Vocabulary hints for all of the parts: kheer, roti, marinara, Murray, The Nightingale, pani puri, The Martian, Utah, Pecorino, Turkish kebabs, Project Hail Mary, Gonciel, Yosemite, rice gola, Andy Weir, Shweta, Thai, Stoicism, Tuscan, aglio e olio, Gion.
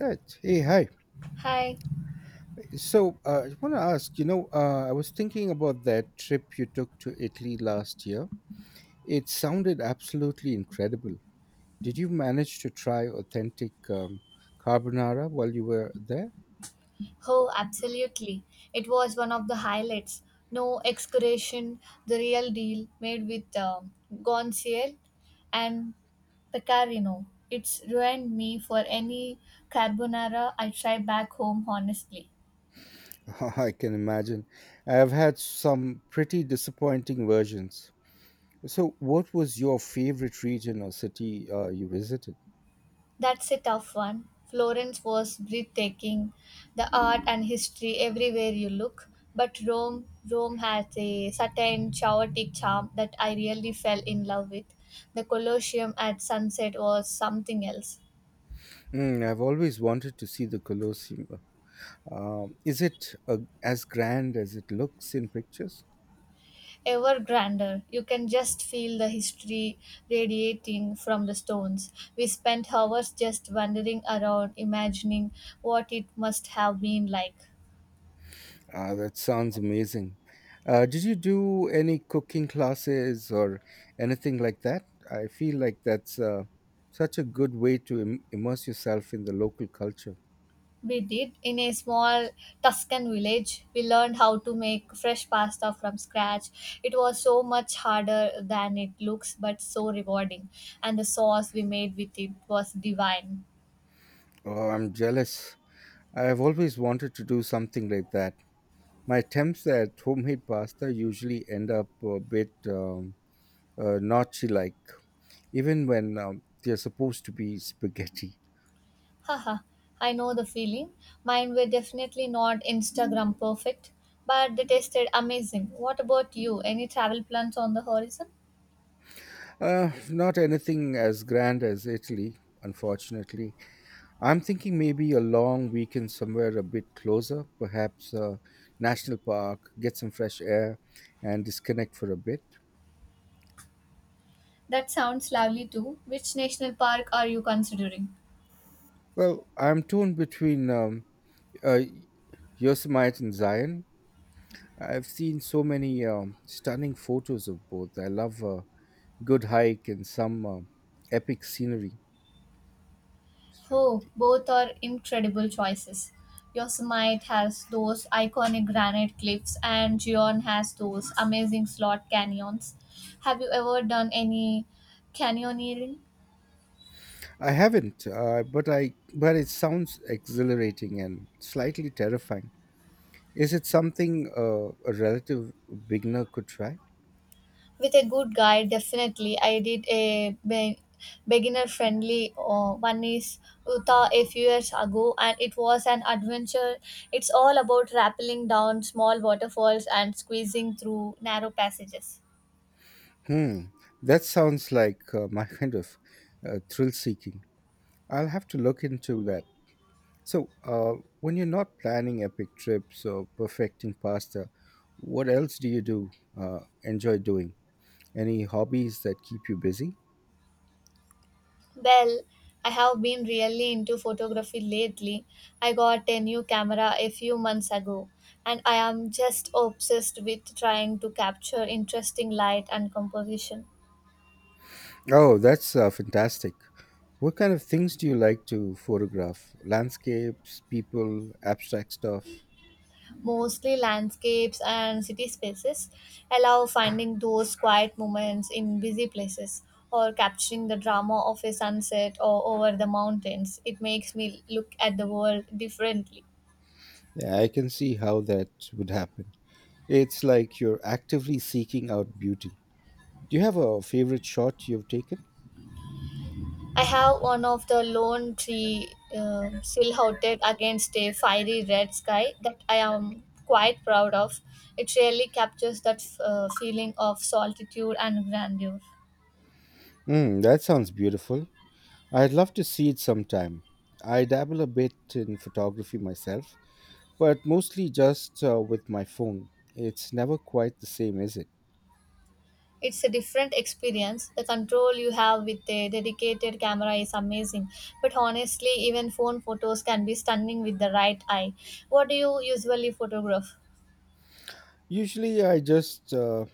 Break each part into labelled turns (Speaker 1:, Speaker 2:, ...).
Speaker 1: Right. Hey, hi.
Speaker 2: Hi.
Speaker 1: So I want to ask, I was thinking about that trip you took to Italy last year. It sounded absolutely incredible. Did you manage to try authentic carbonara while you were there?
Speaker 2: Oh, absolutely. It was one of the highlights. No excursion, the real deal made with Gonciel and Pecorino. It's ruined me for any carbonara I try back home, honestly.
Speaker 1: I can imagine. I've had some pretty disappointing versions. So, what was your favorite region or city you visited?
Speaker 2: That's a tough one. Florence was breathtaking, the art and history everywhere you look. But Rome, Rome has a certain chaotic charm that I really fell in love with. The Colosseum at sunset was something else,
Speaker 1: Mm, I've always wanted to see the Colosseum. Is it as grand as it looks in pictures?
Speaker 2: ever grander. You can just feel the history radiating from the stones. We spent hours just wandering around, imagining what it must have been like.
Speaker 1: Ah, that sounds amazing. Did you do any cooking classes or anything like that? I feel like that's such a good way to immerse yourself in the local culture.
Speaker 2: We did. In a small Tuscan village, we learned how to make fresh pasta from scratch. It was so much harder than it looks, but so rewarding. And the sauce we made with it was divine.
Speaker 1: Oh, I'm jealous. I've always wanted to do something like that. My attempts at homemade pasta usually end up a bit notchy, like, even when they're supposed to be spaghetti.
Speaker 2: Haha, I know the feeling. Mine were definitely not Instagram perfect, but they tasted amazing. What about you? Any travel plans on the horizon?
Speaker 1: Not anything as grand as Italy, unfortunately. I'm thinking maybe a long weekend somewhere a bit closer, perhaps a national park, get some fresh air, and disconnect for a bit.
Speaker 2: That sounds lovely too. Which national park are you considering?
Speaker 1: Well, I'm torn between uh, Yosemite and Zion. I've seen so many stunning photos of both. I love a good hike and some epic scenery.
Speaker 2: Oh, both are incredible choices. Yosemite has those iconic granite cliffs, and Gion has those amazing slot canyons. Have you ever done any canyoneering?
Speaker 1: I haven't, but it sounds exhilarating and slightly terrifying. Is it something a relative beginner could try?
Speaker 2: With a good guide, definitely. I did a beginner friendly one is Utah a few years ago, and it was an adventure. It's all about rappelling down small waterfalls and squeezing through narrow passages.
Speaker 1: Hmm, that sounds like my kind of thrill seeking. I'll have to look into that. So, when you're not planning epic trips or perfecting pasta, what else do you do enjoy doing? Any hobbies that keep you busy?
Speaker 2: Well, I have been really into photography lately. I got a new camera a few months ago, and I am just obsessed with trying to capture interesting light and composition,
Speaker 1: Oh, that's fantastic. What kind of things do you like to photograph? Landscapes, people, abstract stuff?
Speaker 2: mostly landscapes and city spaces. I love finding those quiet moments in busy places or capturing the drama of a sunset or over the mountains. It makes me look at the world differently.
Speaker 1: Yeah, I can see how that would happen. It's like you're actively seeking out beauty. Do you have a favorite shot you've taken?
Speaker 2: I have one of the lone tree silhouetted against a fiery red sky that I am quite proud of. It really captures that feeling of solitude and grandeur.
Speaker 1: Mm, that sounds beautiful. I'd love to see it sometime. I dabble a bit in photography myself, but mostly just with my phone. It's never quite the same, is it?
Speaker 2: It's a different experience. The control you have with a dedicated camera is amazing, but honestly, even phone photos can be stunning with the right eye. What do you usually photograph?
Speaker 1: Usually, I just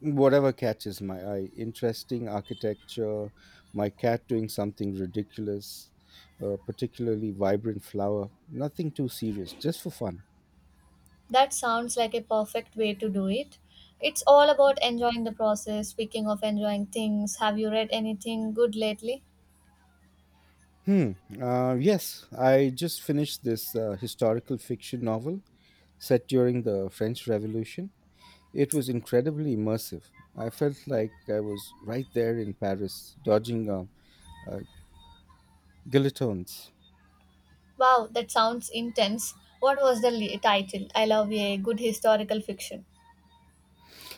Speaker 1: whatever catches my eye, interesting architecture, my cat doing something ridiculous, a particularly vibrant flower, nothing too serious, just for fun.
Speaker 2: That sounds like a perfect way to do it. It's all about enjoying the process. Speaking of enjoying things, have you read anything good lately?
Speaker 1: Hmm. Yes, I just finished this historical fiction novel set during the French Revolution. It was incredibly immersive. I felt like I was right there in Paris, dodging uh, guillotines.
Speaker 2: Wow, that sounds intense. What was the title? I love a good historical fiction.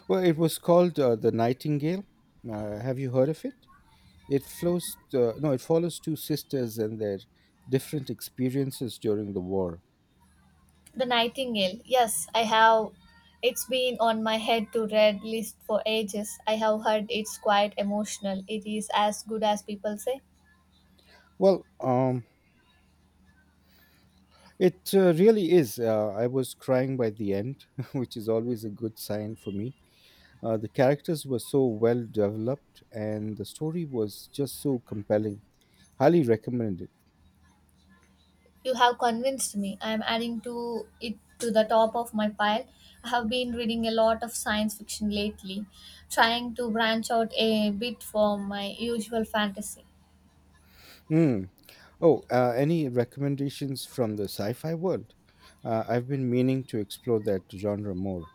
Speaker 1: Well, it was called The Nightingale. Have you heard of it? It flows. No, it follows two sisters and their different experiences during the war.
Speaker 2: The Nightingale. Yes, I have. It's been on my head to read list for ages. I have heard it's quite emotional. It is as good as people say.
Speaker 1: Well, It really is. I was crying by the end, which is always a good sign for me. The characters were so well developed, and the story was just so compelling. Highly recommend it.
Speaker 2: You have convinced me. I am adding to it to the top of my pile. I have been reading a lot of science fiction lately, trying to branch out a bit from my usual fantasy.
Speaker 1: Mm. Oh, any recommendations from the sci fi world? I've been meaning to explore that genre more.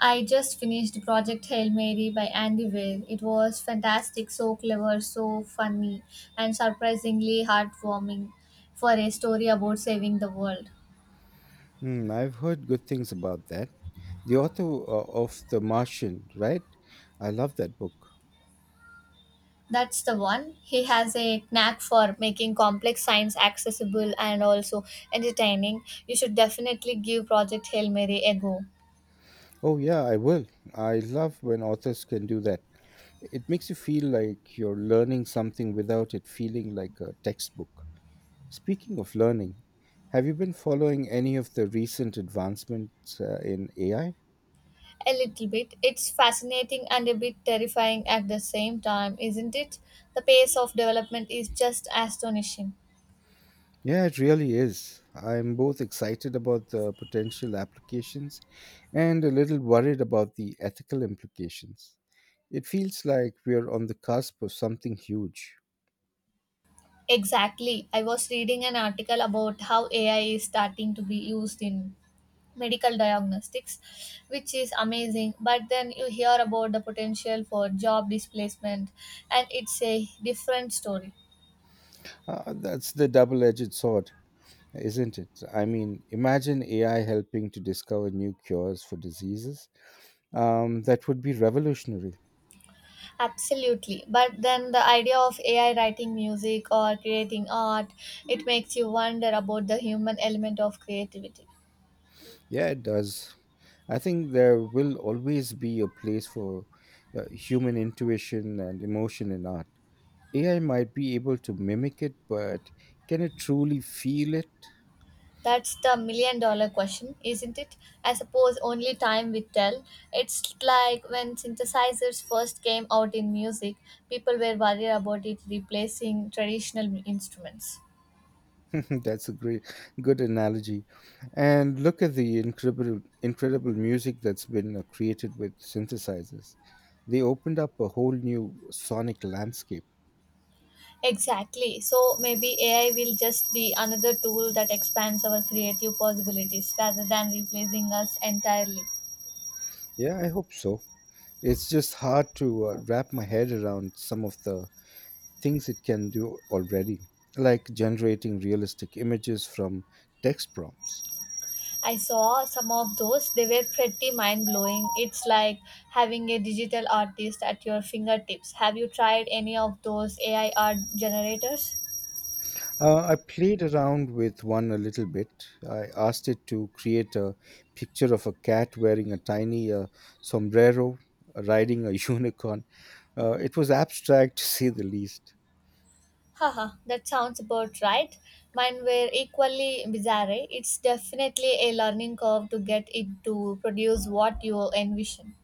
Speaker 2: I just finished Project Hail Mary by Andy Weir. It was fantastic, so clever, so funny, and surprisingly heartwarming for a story about saving the world.
Speaker 1: Hmm, I've heard good things about that. The author of The Martian, right? I love that book.
Speaker 2: That's the one. He has a knack for making complex science accessible and also entertaining. You should definitely give Project Hail Mary a go.
Speaker 1: Oh, yeah, I will. I love when authors can do that. It makes you feel like you're learning something without it feeling like a textbook. Speaking of learning, have you been following any of the recent advancements in AI?
Speaker 2: A little bit. It's fascinating and a bit terrifying at the same time, isn't it? The pace of development is just astonishing.
Speaker 1: Yeah, it really is. I'm both excited about the potential applications and a little worried about the ethical implications. It feels like we're on the cusp of something huge.
Speaker 2: Exactly. I was reading an article about how AI is starting to be used in medical diagnostics, which is amazing. But then you hear about the potential for job displacement, and it's a different story.
Speaker 1: That's the double edged sword, isn't it? I mean, imagine AI helping to discover new cures for diseases. That would be revolutionary.
Speaker 2: Absolutely. But then the idea of AI writing music or creating art, it makes you wonder about the human element of creativity.
Speaker 1: Yeah, it does. I think there will always be a place for human intuition and emotion in art. AI might be able to mimic it, but can it truly feel it?
Speaker 2: That's the million dollar question, isn't it? I suppose only time will tell. It's like when synthesizers first came out in music, people were worried about it replacing traditional instruments.
Speaker 1: That's a great, Good analogy. And look at the incredible music that's been created with synthesizers. They opened up a whole new sonic landscape.
Speaker 2: Exactly. So maybe AI will just be another tool that expands our creative possibilities rather than replacing us entirely.
Speaker 1: Yeah, I hope so. It's just hard to wrap my head around some of the things it can do already, like generating realistic images from text prompts.
Speaker 2: I saw some of those. They were pretty mind blowing. It's like having a digital artist at your fingertips. Have you tried any of those AI art generators?
Speaker 1: I played around with one a little bit. I asked it to create a picture of a cat wearing a tiny sombrero, riding a unicorn. It was abstract to say the least.
Speaker 2: Haha, that sounds about right. Mine were equally bizarre. It's definitely a learning curve to get it to produce what you envision.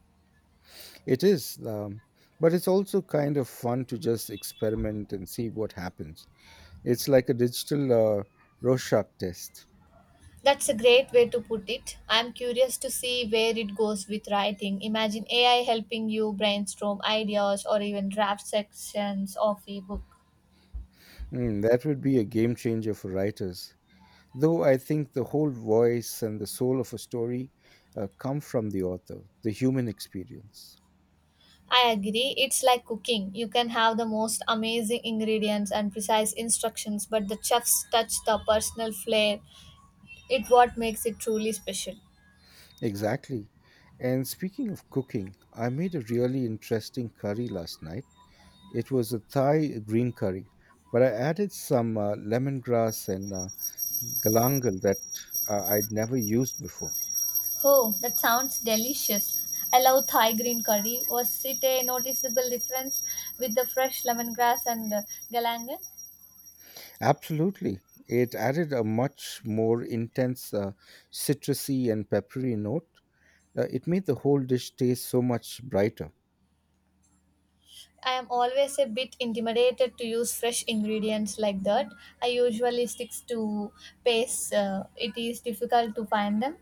Speaker 1: It is, um, but it's also kind of fun to just experiment and see what happens. It's like a digital Rorschach test.
Speaker 2: That's a great way to put it. I'm curious to see where it goes with writing. Imagine AI helping you brainstorm ideas or even draft sections of a book.
Speaker 1: Hmm, that would be a game changer for writers. Though I think the whole voice and the soul of a story come from the author, the human experience.
Speaker 2: I agree. It's like cooking. You can have the most amazing ingredients and precise instructions, but the chef's touch, the personal flair, it what makes it truly special.
Speaker 1: Exactly. And speaking of cooking, I made a really interesting curry last night. It was a Thai green curry, but I added some lemongrass and galangal that I'd never used before.
Speaker 2: Oh, that sounds delicious. I love Thai green curry. Was it a noticeable difference with the fresh lemongrass and galangal?
Speaker 1: Absolutely. It added a much more intense citrusy and peppery note. It made the whole dish taste so much brighter.
Speaker 2: I am always a bit intimidated to use fresh ingredients like that. I usually stick to paste. It is difficult to find them.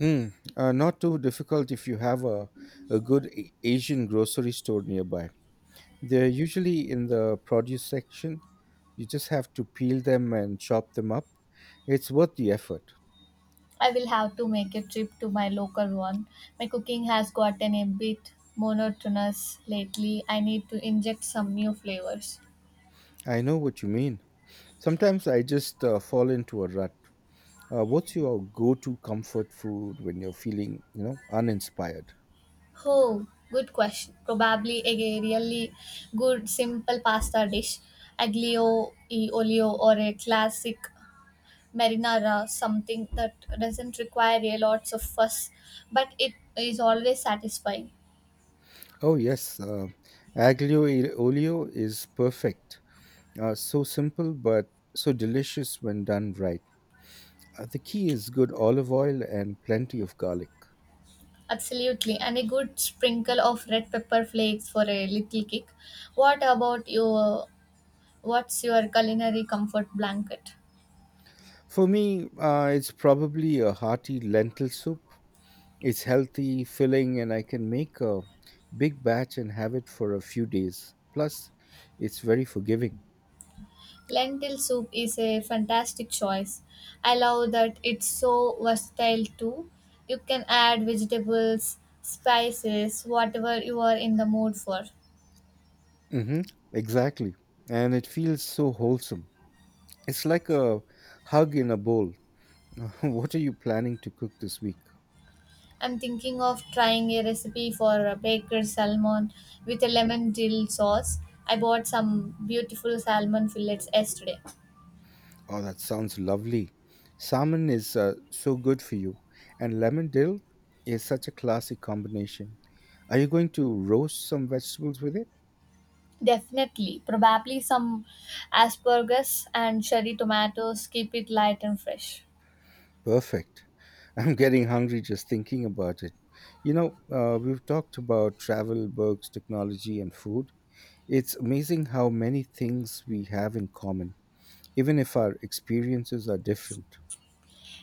Speaker 1: Mm, not too difficult if you have a good Asian grocery store nearby. They're usually in the produce section. You just have to peel them and chop them up. It's worth the effort.
Speaker 2: I will have to make a trip to my local one. My cooking has gotten a bit monotonous lately. I need to inject some new flavors.
Speaker 1: I know what you mean. Sometimes I just fall into a rut. What's your go-to comfort food when you're feeling, you know, uninspired?
Speaker 2: Oh, good question. Probably a really good simple pasta dish, aglio e olio or a classic marinara, something that doesn't require a lots of fuss, but it is always satisfying.
Speaker 1: Oh yes, aglio e olio is perfect. So simple but so delicious when done right. The key is good olive oil and plenty of garlic.
Speaker 2: Absolutely, and a good sprinkle of red pepper flakes for a little kick. What about your what's your culinary comfort blanket?
Speaker 1: For me, it's probably a hearty lentil soup. It's healthy, filling, and I can make a big batch and have it for a few days. Plus, it's very forgiving.
Speaker 2: Lentil soup is a fantastic choice. I love that it's so versatile too. You can add vegetables, spices, whatever you are in the mood for.
Speaker 1: Hmm, exactly. And it feels so wholesome. It's like a hug in a bowl. What are you planning to cook this week?
Speaker 2: I'm thinking of trying a recipe for a baker's salmon with a lemon dill sauce. I bought some beautiful salmon fillets yesterday.
Speaker 1: Oh, that sounds lovely. Salmon is so good for you, and lemon dill is such a classic combination. Are you going to roast some vegetables with it?
Speaker 2: Definitely, probably some asparagus and cherry tomatoes keep it light and fresh.
Speaker 1: Perfect. I'm getting hungry just thinking about it. You know, we've talked about travel, books, technology, and food. It's amazing how many things we have in common, even if our experiences are different.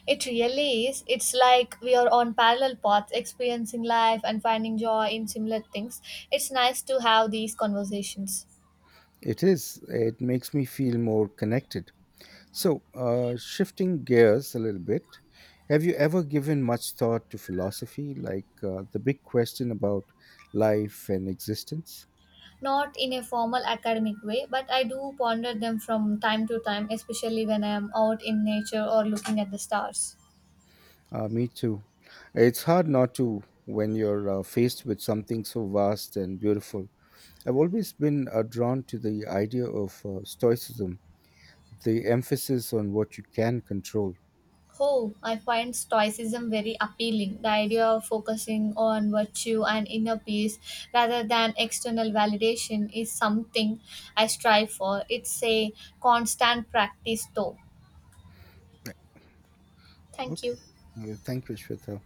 Speaker 2: It really is. It's like we are on parallel paths, experiencing life and finding joy in similar things. It's nice to have these conversations.
Speaker 1: It is. It makes me feel more connected. So, shifting gears a little bit, have you ever given much thought to philosophy, like the big question about life and existence?
Speaker 2: Not in a formal academic way, but I do ponder them from time to time, especially when I am out in nature or looking at the stars.
Speaker 1: Me too. It's hard not to when you're faced with something so vast and beautiful. I've always been drawn to the idea of Stoicism, the emphasis on what you can control.
Speaker 2: Oh, I find Stoicism very appealing. The idea of focusing on virtue and inner peace rather than external validation is something I strive for. It's a constant practice, though.
Speaker 1: Right.
Speaker 2: Thank
Speaker 1: Okay.
Speaker 2: you.
Speaker 1: Thank you, Shweta.